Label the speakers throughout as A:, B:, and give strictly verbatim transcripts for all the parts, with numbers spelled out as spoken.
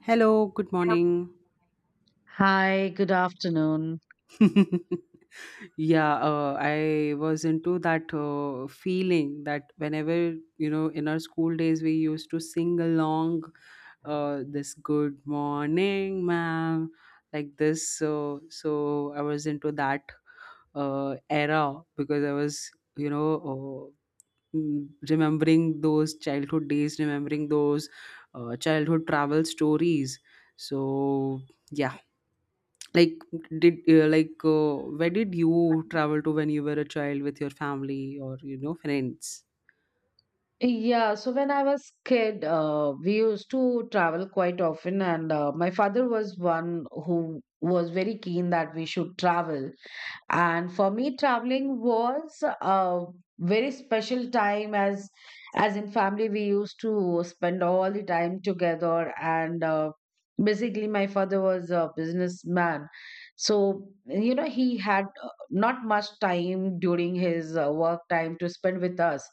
A: Hello, good morning.
B: Hi, good afternoon.
A: yeah, uh, I was into that uh, feeling that whenever, you know, in our school days, we used to sing along uh, this good morning, ma'am, like this. So, so I was into that uh, era because I was, you know, uh, mm, remembering those childhood days, remembering those uh, childhood travel stories. So, yeah. Like, did uh, like uh, where did you travel to when you were a child with your family or, you know, friends?
B: Yeah, so when I was kid, uh, we used to travel quite often, and uh, my father was one who was very keen that we should travel. And for me traveling was a very special time, as as in family we used to spend all the time together, and uh, basically my father was a businessman. So you know he had uh, not much time during his uh, work time to spend with us.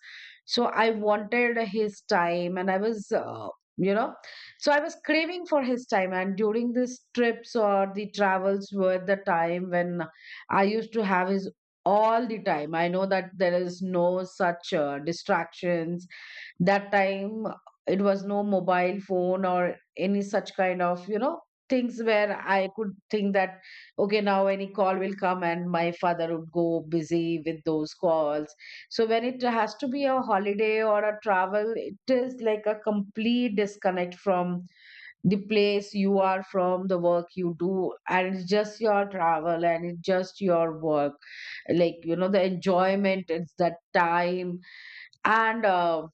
B: So I wanted his time, and I was uh, you know so I was craving for his time, and during these trips or the travels were the time when I used to have is all the time. I know that there is no such uh, distractions. That time it was no mobile phone or any such kind of, you know, things where I could think that, okay, now any call will come and my father would go busy with those calls. So when it has to be a holiday or a travel, it is like a complete disconnect from the place you are, from the work you do, and it's just your travel and it's just your work, like you know the enjoyment, it's that time. and uh,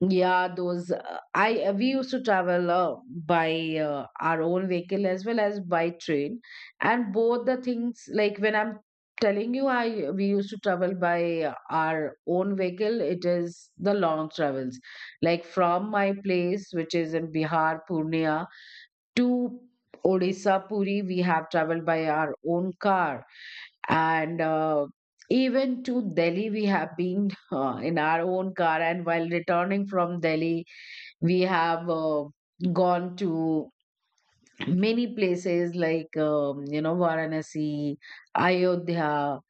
B: yeah those uh, I we used to travel uh, by uh, our own vehicle as well as by train. And both the things, like when I'm telling you I we used to travel by uh, our own vehicle, it is the long travels like from my place, which is in Bihar, Purnia, to Odisha, Puri, we have traveled by our own car. And uh, even to Delhi, we have been uh, in our own car. And while returning from Delhi, we have uh, gone to many places like, um, you know, Varanasi, Ayodhya,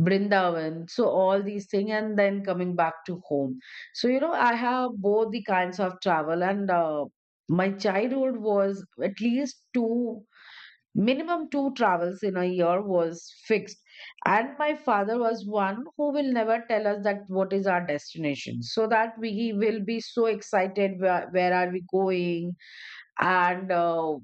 B: Brindavan. So, all these things. And then coming back to home. So, you know, I have both the kinds of travel, and uh, my childhood was at least two minimum two travels in a year was fixed, and my father was one who will never tell us that what is our destination, so that we he will be so excited, where, where are we going and uh,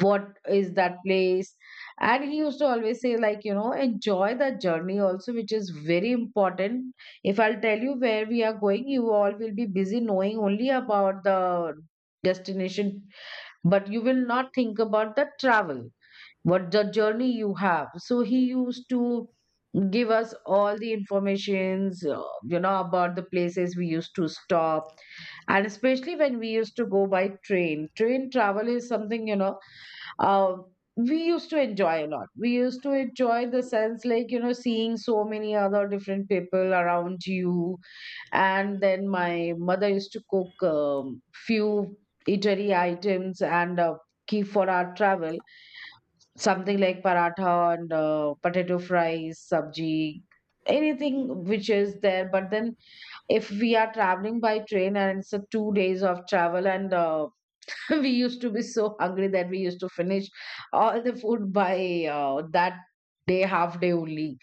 B: what is that place. And he used to always say, like, you know enjoy the journey also, which is very important. If I'll tell you where we are going, you all will be busy knowing only about the destination, but you will not think about the travel, what the journey you have. So he used to give us all the informations, uh, you know about the places we used to stop, and especially when we used to go by train, train travel is something, you know uh, we used to enjoy a lot. We used to enjoy the sense, like you know seeing so many other different people around you. And then my mother used to cook um, few eatery items and uh, keep for our travel something like paratha and uh, potato fries, sabji, anything which is there. But then if we are traveling by train and it's a two days of travel and uh, we used to be so hungry that we used to finish all the food by uh, that day, half day only.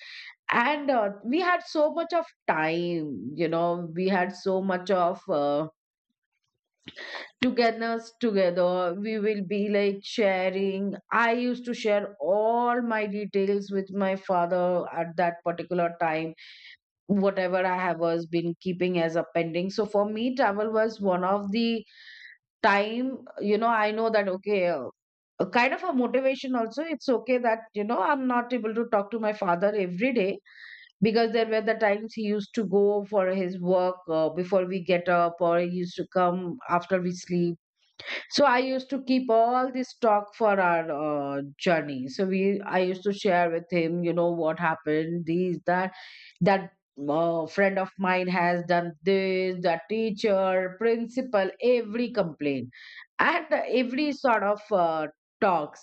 B: And uh, we had so much of time, you know we had so much of uh, togetherness. Together we will be like sharing. I used to share all my details with my father at that particular time, whatever I have was been keeping as a pending. So for me travel was one of the time, you know I know that, okay, uh, a kind of a motivation also. It's okay that you know I'm not able to talk to my father every day, because there were the times he used to go for his work uh, before we get up, or he used to come after we sleep. So I used to keep all this talk for our uh, journey. So we, I used to share with him, you know, what happened, these, that, that uh, friend of mine has done this, the teacher, principal, every complaint, and every sort of uh, talks.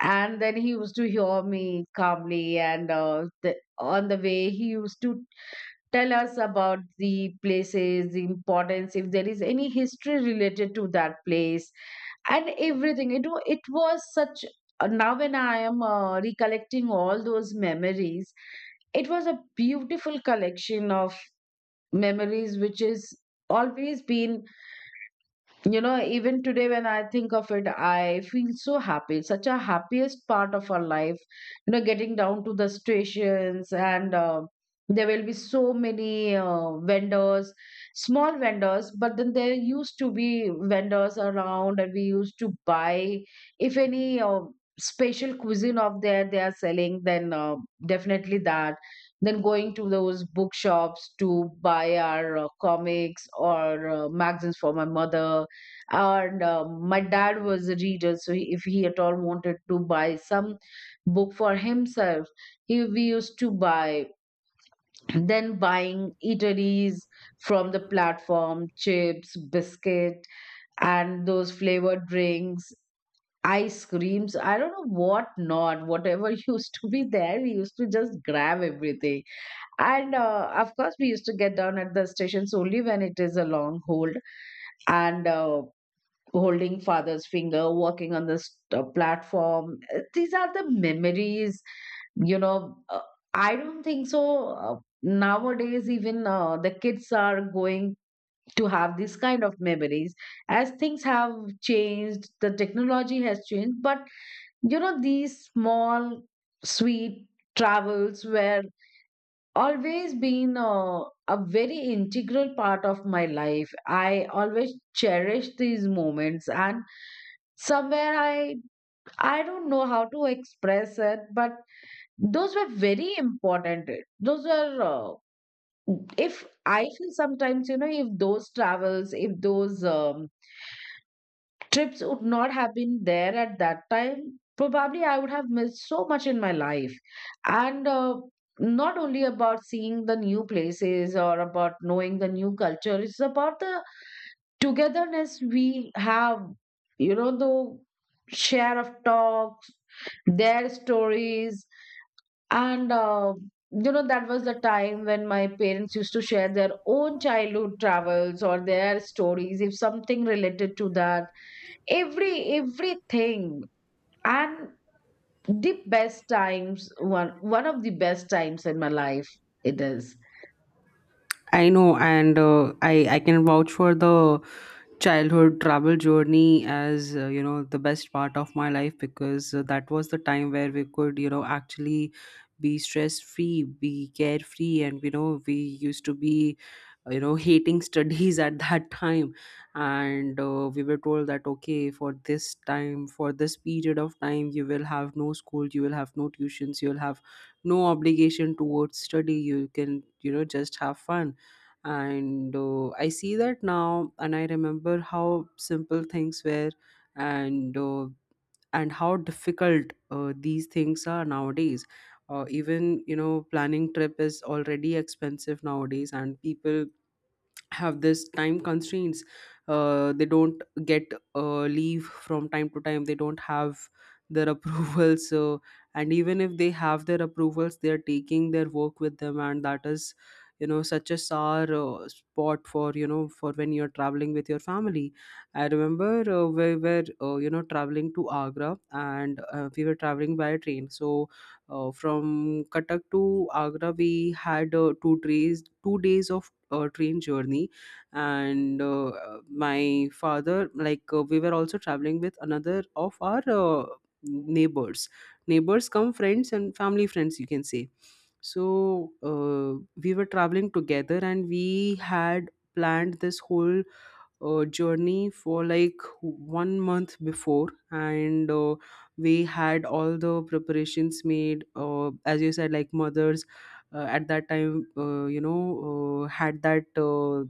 B: And then he used to hear me calmly, and uh, the, on the way he used to tell us about the places, the importance, if there is any history related to that place and everything, you know it was such. Uh, now when I am uh, recollecting all those memories, it was a beautiful collection of memories which is always been, you know, even today when I think of it, I feel so happy. Such a happiest part of our life. You know, getting down to the stations, and uh, there will be so many uh, vendors, small vendors, but then there used to be vendors around and we used to buy. If any uh, special cuisine of there they are selling, then uh, definitely that. Then going to those bookshops to buy our uh, comics or uh, magazines for my mother, and uh, my dad was a reader, so he, if he at all wanted to buy some book for himself, he we used to buy. Then buying eateries from the platform, chips, biscuit, and those flavored drinks, ice creams, I don't know what not, whatever used to be there, we used to just grab everything. And uh, of course we used to get down at the stations only when it is a long hold, and uh, holding father's finger, walking on this uh, platform. Uh, these are the memories, you know uh, I don't think so, uh, nowadays even uh, the kids are going to have this kind of memories, as things have changed, the technology has changed. But you know these small sweet travels were always been uh, a very integral part of my life. I always cherish these moments, and somewhere i i don't know how to express it, but those were very important. Those were uh, if I feel sometimes, you know if those travels, if those um, trips would not have been there at that time, probably I would have missed so much in my life. And uh, not only about seeing the new places or about knowing the new culture, it's about the togetherness we have, you know the share of talk, their stories, and uh, you know that was the time when my parents used to share their own childhood travels or their stories, if something related to that, every everything. And the best times, one one of the best times in my life, it is.
A: I know, and uh, I I can vouch for the childhood travel journey as, uh, you know, the best part of my life because uh, that was the time where we could, you know, actually be stress free, be carefree, and, you know, we used to be, you know, hating studies at that time. And uh, we were told that okay, for this time, for this period of time, you will have no school, you will have no tuitions, you'll have no obligation towards study, you can, you know, just have fun. And uh, i see that now and I remember how simple things were. And uh, and how difficult uh, these things are nowadays. Uh, even, you know, planning trip is already expensive nowadays and people have this time constraints. Uh, they don't get uh, leave from time to time, they don't have their approvals. So, and even if they have their approvals, they are taking their work with them, and that is, you know, such a sour uh, spot for, you know, for when you're traveling with your family. I remember, uh, we were, uh, you know, traveling to Agra, and uh, we were traveling by train. So, uh, from Katak to Agra, we had uh, two days, two days of uh, train journey. And uh, uh, my father, like, uh, we were also traveling with another of our uh, neighbors neighbors come friends and family friends, you can say. So uh, we were traveling together and we had planned this whole uh, journey for like one month before. And uh, we had all the preparations made, uh, as you said, like mothers uh, at that time, uh, you know, uh, had that, uh,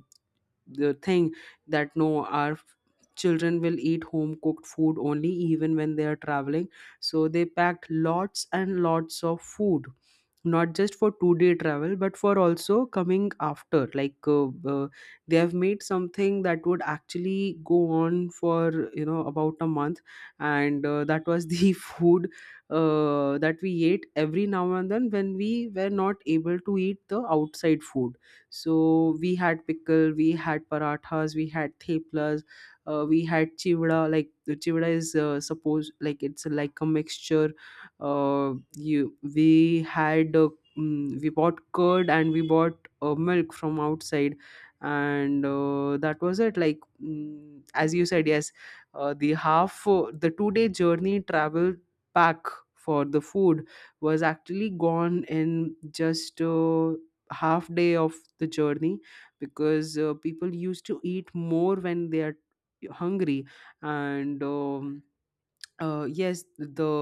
A: the thing that no, our children will eat home cooked food only, even when they are traveling. So they packed lots and lots of food, not just for two day travel, but for also coming after, like, uh, uh, they have made something that would actually go on for, you know, about a month. And uh, that was the food uh, that we ate every now and then when we were not able to eat the outside food. So we had pickle, we had parathas, we had theplas, uh, we had chivda. Like the chivda is uh, supposed, like, it's like a mixture. Uh, you we had, uh, mm, we bought curd and we bought uh, milk from outside. And uh, that was it. Like, mm, as you said, yes, uh, the half uh, the two day journey travel pack for the food was actually gone in just uh, half day of the journey, because uh, people used to eat more when they are hungry. And um, uh, Yes, the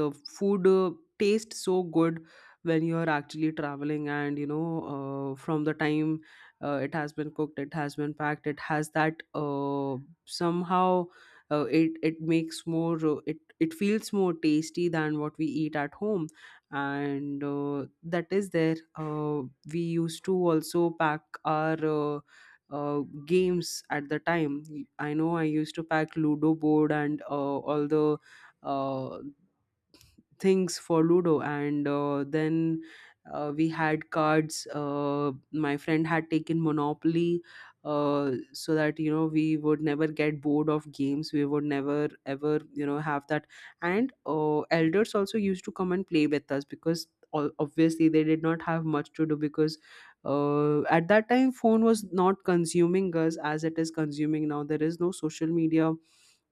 A: the food uh, tastes so good when you are actually traveling. And, you know, uh, from the time uh, it has been cooked, it has been packed, it has that, uh, somehow uh, it it makes more, uh, it it feels more tasty than what we eat at home. And uh, that is there. Uh, we used to also pack our uh, uh, games at the time. I know I used to pack Ludo board and uh, all the uh, things for Ludo. And uh, then uh, we had cards. Uh, my friend had taken Monopoly, uh, so that, you know, we would never get bored of games, we would never ever, you know, have that. And uh, elders also used to come and play with us because o- obviously they did not have much to do, because uh, at that time, phone was not consuming us as it is consuming now. There is no social media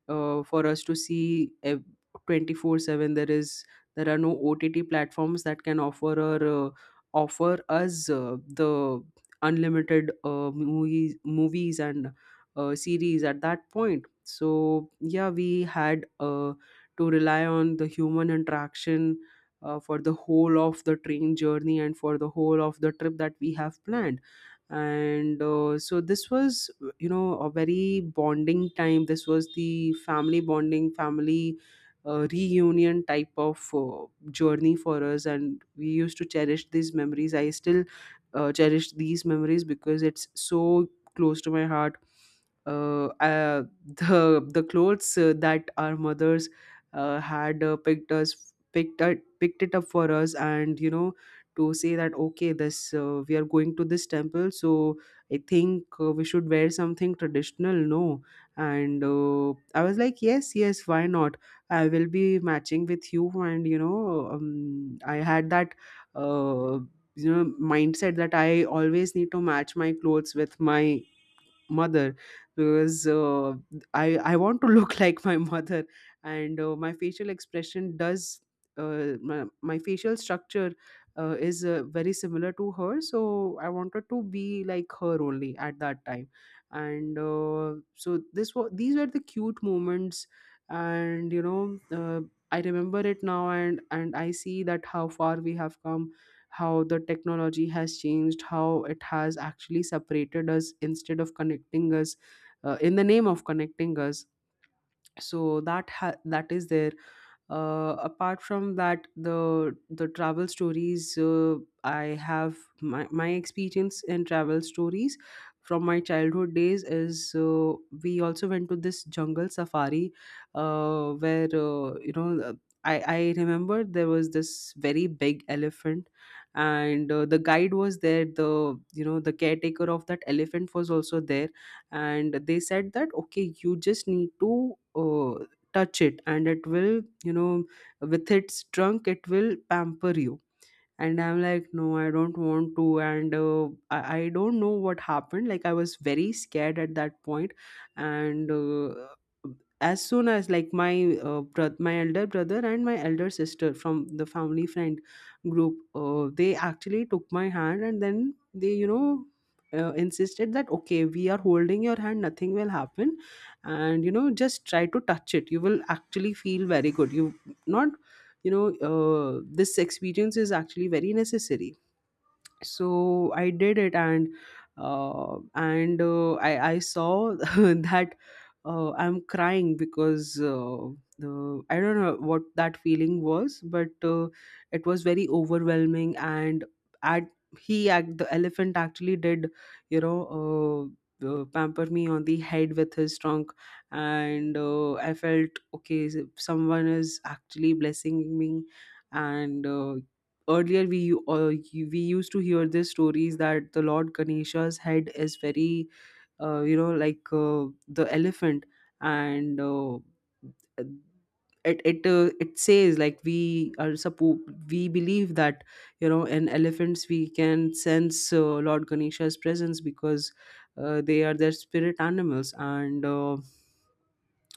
A: uh, for us to see, ev- twenty four seven. There is, there are no O T T platforms that can offer, or uh, offer us uh, the unlimited uh, movies movies and uh, series at that point. So yeah, we had uh, to rely on the human interaction uh, for the whole of the train journey and for the whole of the trip that we have planned. And uh, so this was, you know, a very bonding time. This was the family bonding, family uh, reunion type of uh, journey for us, and we used to cherish these memories. I still uh, cherish these memories because it's so close to my heart. uh, uh, the the clothes uh, that our mothers uh, had uh, picked us picked up, picked it up for us. And, you know, to say that, okay, this uh, we are going to this temple, so I think uh, we should wear something traditional, no? And uh, I was like, yes, yes, why not? I will be matching with you. And, you know, um, I had that, uh, you know, mindset that I always need to match my clothes with my mother, because uh, I I want to look like my mother. And uh, my facial expression does. Uh, my, my facial structure uh, is uh, very similar to her, so I wanted to be like her only at that time. And uh, so this was, these were the cute moments. And, you know, uh, I remember it now, and and I see that how far we have come, how the technology has changed, how it has actually separated us instead of connecting us, uh, in the name of connecting us. So that, ha- that is there. Uh, apart from that, the the travel stories, uh, I have my, my experience in travel stories from my childhood days is, uh, we also went to this jungle safari, uh, where, uh, you know, uh, I, I remember there was this very big elephant. And uh, the guide was there, the, you know, the caretaker of that elephant was also there. And they said that, okay, you just need to uh, touch it, and it will, you know, with its trunk, it will pamper you. And I'm like, no, I don't want to. And uh, I, I don't know what happened. Like, I was very scared at that point. And uh, as soon as, like, my uh, bro- my elder brother and my elder sister from the family friend group uh, they actually took my hand, and then they, you know, uh, insisted that, okay, we are holding your hand, nothing will happen. And, you know, just try to touch it, you will actually feel very good, you not, you know, uh, this experience is actually very necessary. So I did it. And uh, and uh, I, I saw that uh, I'm crying because uh, the, I don't know what that feeling was, but uh, it was very overwhelming. And at he act The elephant actually did, you know, uh, uh, pamper me on the head with his trunk. And uh, I felt, okay, someone is actually blessing me. And uh, earlier we, u- uh, you- we used to hear these stories that the Lord Ganesha's head is very, uh, you know, like, uh, the elephant. And uh, it it uh, it says, like, we are suppo- we believe that, you know, in elephants we can sense, uh, Lord Ganesha's presence because uh, they are their spirit animals. And uh,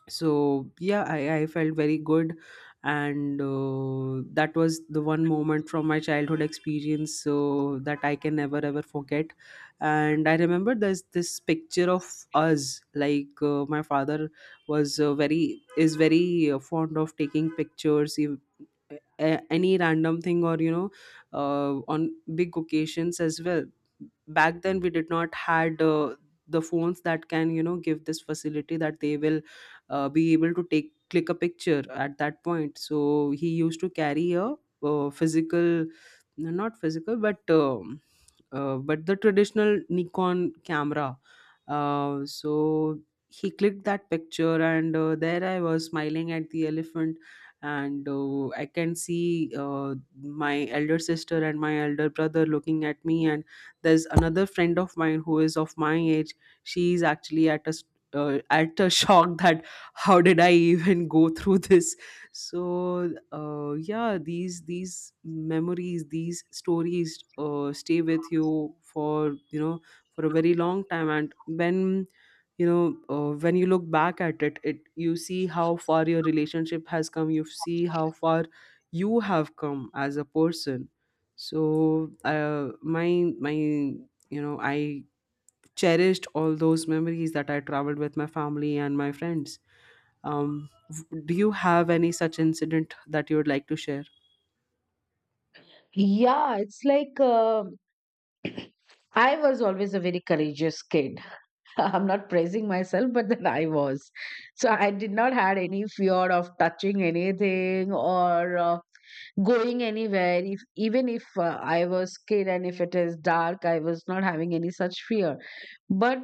A: so yeah, i, I felt very good. And uh, that was the one moment from my childhood experience so that I can never ever forget. And I remember there's this picture of us, like, uh, my father was uh, very is very uh, fond of taking pictures. He, a- any random thing, or, you know, uh, on big occasions as well. Back then we did not had uh, the phones that can, you know, give this facility that they will uh, be able to take click a picture at that point. So he used to carry a uh, physical, no, not physical, but um, uh, but the traditional Nikon camera. Uh, so he clicked that picture. And uh, there I was smiling at the elephant. And uh, I can see uh, my elder sister and my elder brother looking at me. And there's another friend of mine who is of my age. She's actually at a s- uh, at a shock that how did I even go through this. So uh, yeah, these these memories, these stories uh, stay with you for, you know, for a very long time. And when, you know, uh, when you look back at it, it, you see how far your relationship has come, you see how far you have come as a person. So uh, my my you know, I cherished all those memories that I traveled with my family and my friends. Um v- do you have any such incident that you would like to share?
B: Yeah, it's like, uh, I was always a very courageous kid. I'm not praising myself, but then I was. So I did not had any fear of touching anything or uh, going anywhere, if even if uh, I was kid and if it is dark, I was not having any such fear. But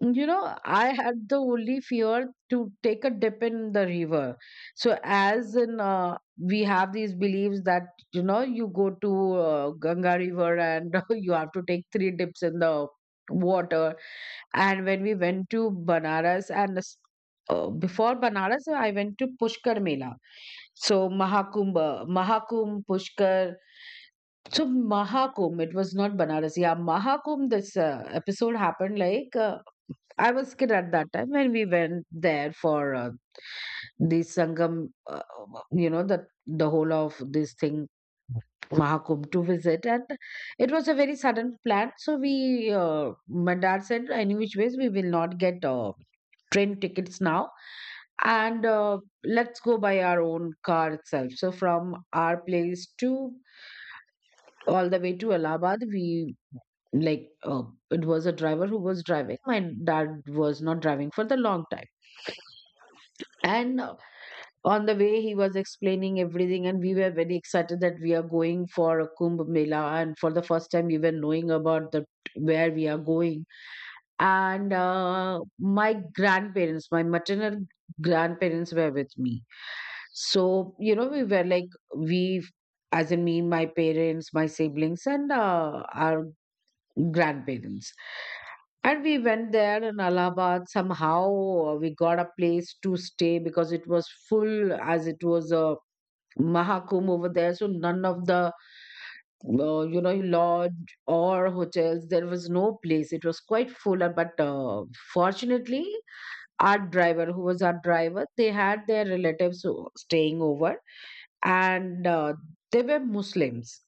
B: you know I had the only fear to take a dip in the river. So, as in, uh, we have these beliefs that you know you go to uh, Ganga river and you have to take three dips in the water. And when we went to Banaras and s- uh, before Banaras, I went to Pushkar Mela. So Mahakumbh, uh, Mahakumbh, Pushkar. So Mahakumbh, it was not Banaras. Yeah, Mahakumbh. This uh, episode happened like, uh, I was kid at that time when we went there for uh, the Sangam. Uh, you know the the whole of this thing, Mahakum, to visit. And it was a very sudden plan. So we, uh, my dad said, any which ways, we will not get uh, train tickets now, and uh, let's go by our own car itself. So from our place to all the way to Allahabad, we like uh, it was a driver who was driving. My dad was not driving for the long time, and uh, on the way he was explaining everything, and we were very excited that we are going for a kumbh mela, and for the first time we were knowing about the where we are going. And uh, my grandparents my maternal grandparents were with me. So you know we were like, we, as in me, my parents, my siblings, and uh, our grandparents. And we went there in Allahabad. Somehow uh, we got a place to stay because it was full, as it was a Mahakum over there. So none of the uh, you know lodge or hotels, there was no place, it was quite full, uh, but uh, fortunately our driver, who was our driver, they had their relatives who- staying over, and uh, they were Muslims,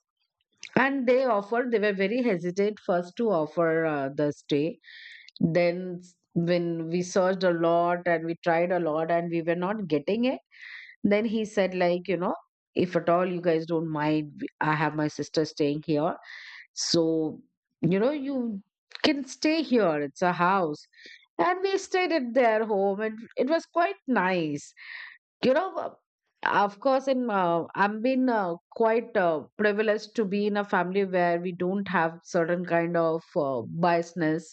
B: and they offered, they were very hesitant first to offer uh, the stay. Then, s- when we searched a lot and we tried a lot and we were not getting it, then he said, like, you know, if at all you guys don't mind, we- I have my sister staying here. So, you know, you can stay here. It's a house. And we stayed at their home and it was quite nice. you know uh, of course i'm uh, I'm been uh, quite uh, privileged to be in a family where we don't have certain kind of uh, biasness.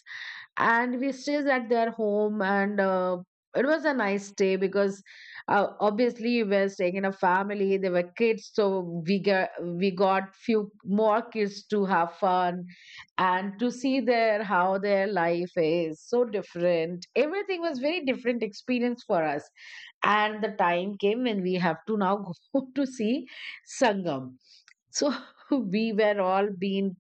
B: And we stays at their home and uh, It was a nice day because uh, obviously we were staying in a family, there were kids, so we got we got few more kids to have fun and to see their how their life is so different. Everything was very different experience for us. And the time came when we have to now go to see Sangam. So we were all being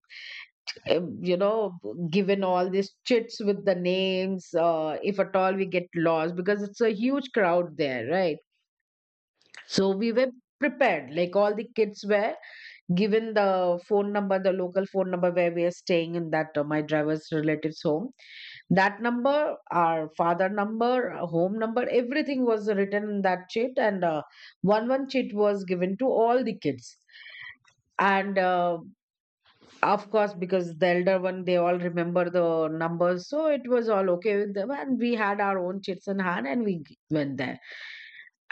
B: um, you know given all these chits with the names, uh, if at all we get lost because it's a huge crowd there, right? So we were prepared, like all the kids were given the phone number, the local phone number where we are staying in that, uh, my driver's relatives home. That number, our father number, our home number, everything was written in that chit. And uh, one one chit was given to all the kids. And uh, Of course, because the elder one, they all remember the numbers, so it was all okay with them. And we had our own chits in hand, and we g- went there.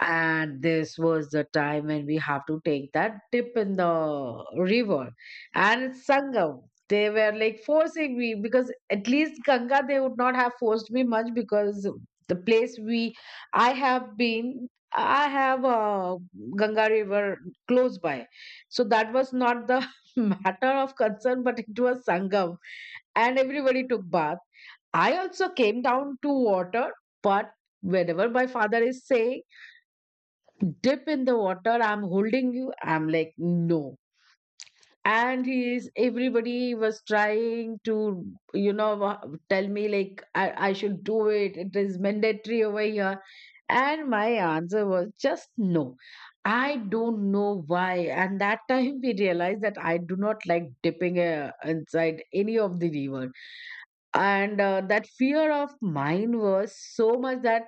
B: And this was the time when we have to take that dip in the river, and it's Sangam. They were like forcing me because at least Ganga, they would not have forced me much because the place we I have been, I have a Ganga River close by, so that was not the matter of concern, but it was Sangam, and everybody took bath. I also came down to water, but whenever my father is saying, dip in the water, I'm holding you, I'm like, no. And he is everybody was trying to you know wa- tell me like I, I should do it, it is mandatory over here. And my answer was just no. I don't know why. And that time we realized that I do not like dipping uh, inside any of the river. And uh, that fear of mine was so much that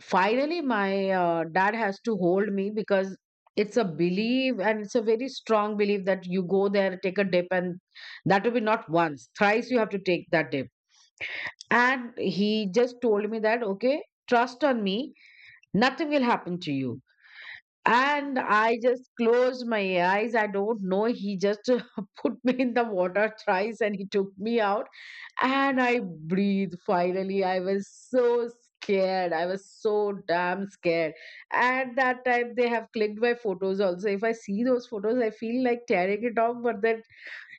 B: finally, my uh, dad has to hold me because it's a belief, and it's a very strong belief that you go there, take a dip, and that will be not once, thrice you have to take that dip. And he just told me that, okay, trust on me, nothing will happen to you. And I just closed my eyes. I don't know. He just put me in the water thrice and he took me out, and I breathe finally. I was so scared. I was so damn scared. At that time, they have clicked my photos also. If I see those photos, I feel like tearing it off. But then,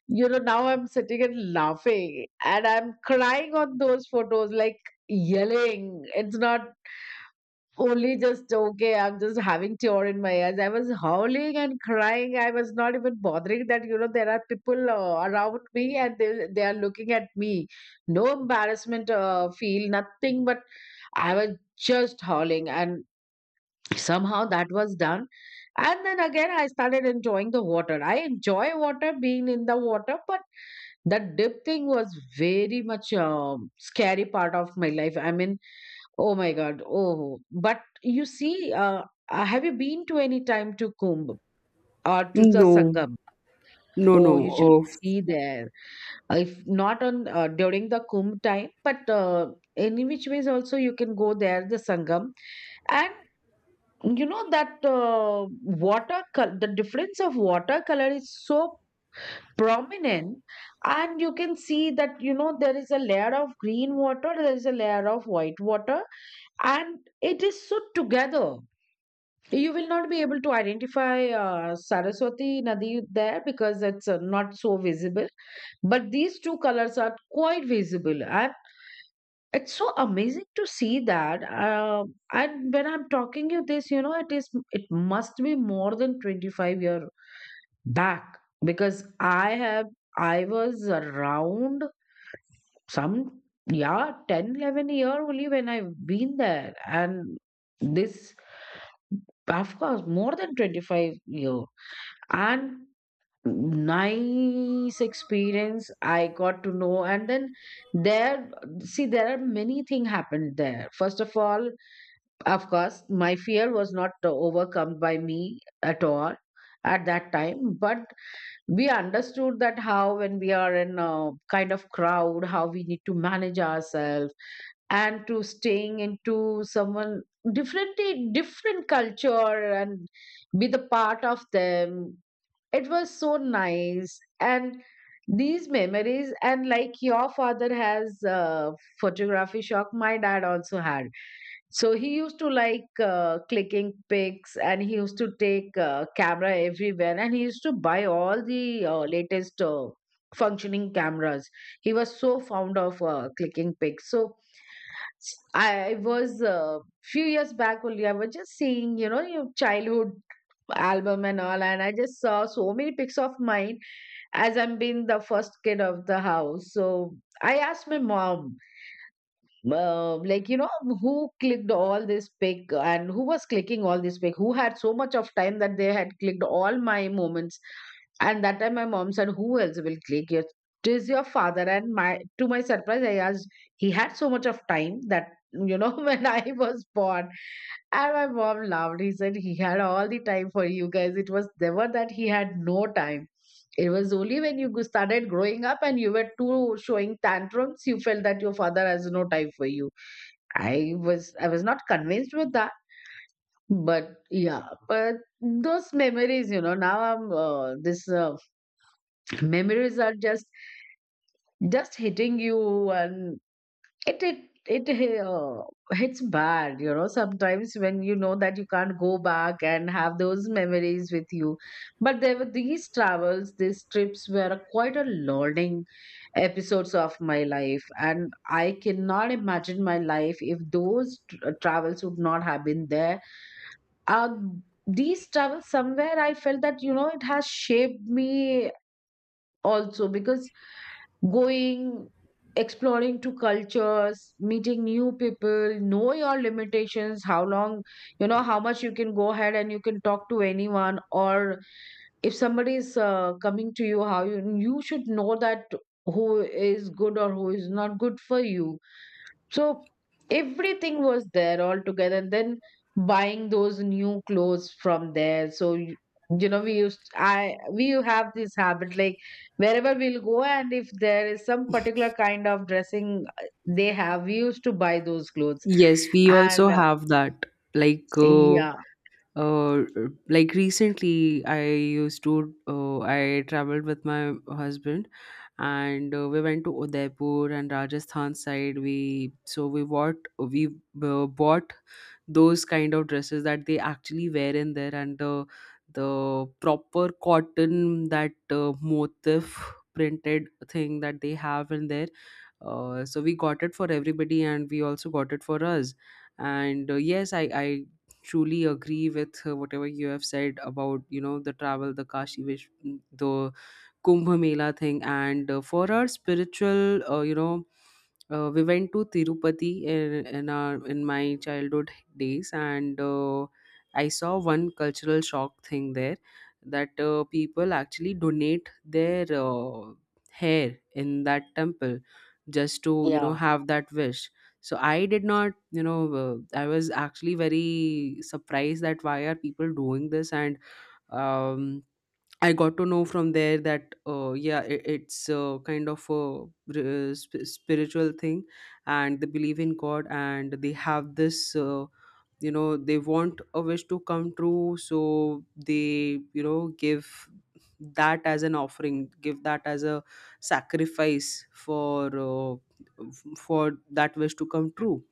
B: you know, now I'm sitting and laughing, and I'm crying on those photos, like yelling. It's not only just okay, I'm just having tear in my eyes. I was howling and crying. I was not even bothering that you know there are people, uh, around me, and they they are looking at me. No embarrassment, uh, feel nothing, but I was just howling and somehow that was done. And then again I started enjoying the water. I enjoy water, being in the water, but that dip thing was very much um, scary part of my life, I mean. Oh my god. Oh, but you see, uh, uh, have you been to any time to Kumbh or to the
A: No.
B: Sangam?
A: No no
B: Oh, you should
A: uh,
B: see there. Uh, if not on, uh, during the Kumbh time, but uh, any which ways also you can go there, the Sangam. And you know that, uh, water col- the difference of watercolor is so prominent, and you can see that, you know, there is a layer of green water, there is a layer of white water, and it is so together. You will not be able to identify uh, Saraswati Nadi there because it's uh, not so visible, but these two colors are quite visible. I It's so amazing to see that. Uh, and when I'm talking you this, you know, it is, it must be more than twenty-five year back, because I have, I was around some, yeah, ten, eleven year only when I've been there. And this, of course, more than twenty-five year. And nice experience, I got to know. And then there, see, there are many things happened there. First of all, of course, my fear was not uh, overcome by me at all at that time, but we understood that how when we are in a kind of crowd, how we need to manage ourselves, and to staying into someone different, different culture, and be the part of them. It was so nice. And these memories, and like your father has, uh, photography shock, my dad also had. So he used to like uh, clicking pics, and he used to take uh, camera everywhere, and he used to buy all the uh, latest uh, functioning cameras. He was so fond of uh, clicking pics. So s- I was uh, few years back only. I was just seeing, you know, your childhood album and all, and I just saw so many pics of mine. As I'm being the first kid of the house, so I asked my mom, uh, like you know who clicked all this pic, and who was clicking all this pic, who had so much of time that they had clicked all my moments. And that time my mom said, who else will click your, it is your father. And my, to my surprise, I asked, he had so much of time that, you know, when I was born. And my mom laughed. He said he had all the time for you guys. It was never that he had no time. It was only when you go- started growing up and you were too showing tantrums, you felt that your father has no time for you. I was I was not convinced with that, but yeah, but those memories, you know, now I'm, uh, this uh, memories are just just hitting you. And it it it uh, hits bad, you know, sometimes when you know that you can't go back and have those memories with you. But there were these travels, these trips were quite a learning episodes of my life, and I cannot imagine my life if those tr- uh, travels would not have been there. Uh, these travels, somewhere I felt that, you know, it has shaped me also because going, exploring to cultures, meeting new people, know your limitations, how long, you know, how much you can go ahead and you can talk to anyone, or if somebody is, uh, coming to you, how you you should know that who is good or who is not good for you. So everything was there all together. And then buying those new clothes from there. So you, you know, we used, I we have this habit, like wherever we'll go, and if there is some particular kind of dressing uh, they have, we used to buy those clothes.
A: Yes, we also
B: And uh,
A: have that. Like, uh,
B: yeah,
A: uh, like, recently, I used to, uh, I traveled with my husband. And uh, we went to Udaipur and Rajasthan side. We so we bought we uh, bought those kind of dresses that they actually wear in there, and the the proper cotton, that uh, motif printed thing that they have in there. Uh, so we got it for everybody, and we also got it for us. And uh, yes, i i truly agree with uh, whatever you have said about, you know, the travel, the Kashi Vish, the Kumbh Mela thing. And uh, for our spiritual, uh, you know, uh, we went to Tirupati in, in our, in my childhood days. And uh, I saw one cultural shock thing there, that uh, people actually donate their uh, hair in that temple just to, you know,
B: yeah,
A: have that wish. So I did not, you know, uh, I was actually very surprised that why are people doing this. And um I got to know from there that uh, yeah, it, it's uh, kind of a, r- uh, sp- spiritual thing. And they believe in God, and they have this, uh, you know, they want a wish to come true. So they, you know, give that as an offering, give that as a sacrifice for uh, f- for that wish to come true.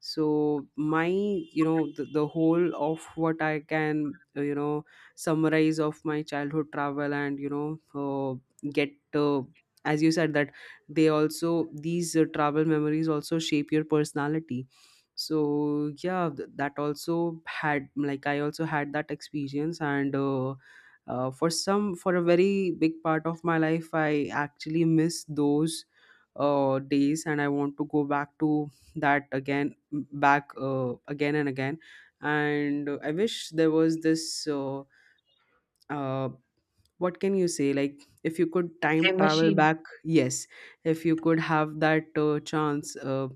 A: So my, you know, the, the whole of what I can, uh, you know, summarize of my childhood travel, and, you know, uh, get uh, as you said that, they also, these uh, travel memories also shape your personality. So yeah, th- that also had, like, I also had that experience. And uh, uh, for some, for a very big part of my life, I actually miss those uh, days, and I want to go back to that again, back uh, again and again. And uh, I wish there was this, uh, uh, what can you say, like, if you could time
B: a
A: travel
B: machine.
A: back, yes, if you could have that uh, chance, uh,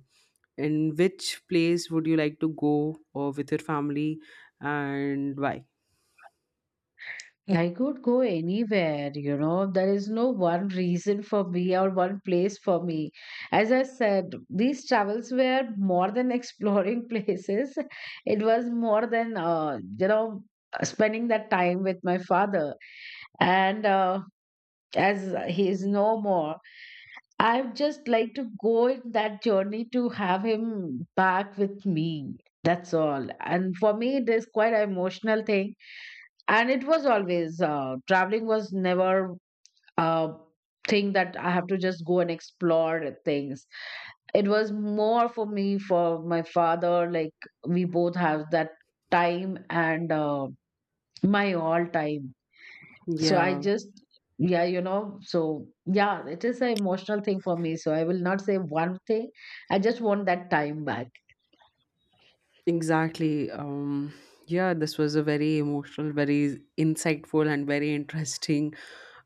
A: in which place would you like to go, or with your family, and why?
B: I could go anywhere, you know. There is no one reason for me or one place for me. As I said, these travels were more than exploring places. It was more than, uh, you know, spending that time with my father. And uh, as he is no more, I would just like to go in that journey to have him back with me. That's all. And for me, it is quite an emotional thing. And it was always, uh, traveling was never a thing that I have to just go and explore things. It was more for me, for my father, like we both have that time and uh, my all time. So I
A: Yeah,
B: just, yeah, you know, so yeah, it is an emotional thing for me, so I will not say one thing. I just want that time back.
A: exactly. Um yeah, this was a very emotional, very insightful, and very interesting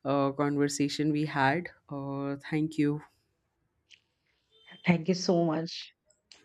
A: uh, conversation we had. Uh, thank you.
B: Thank you so much.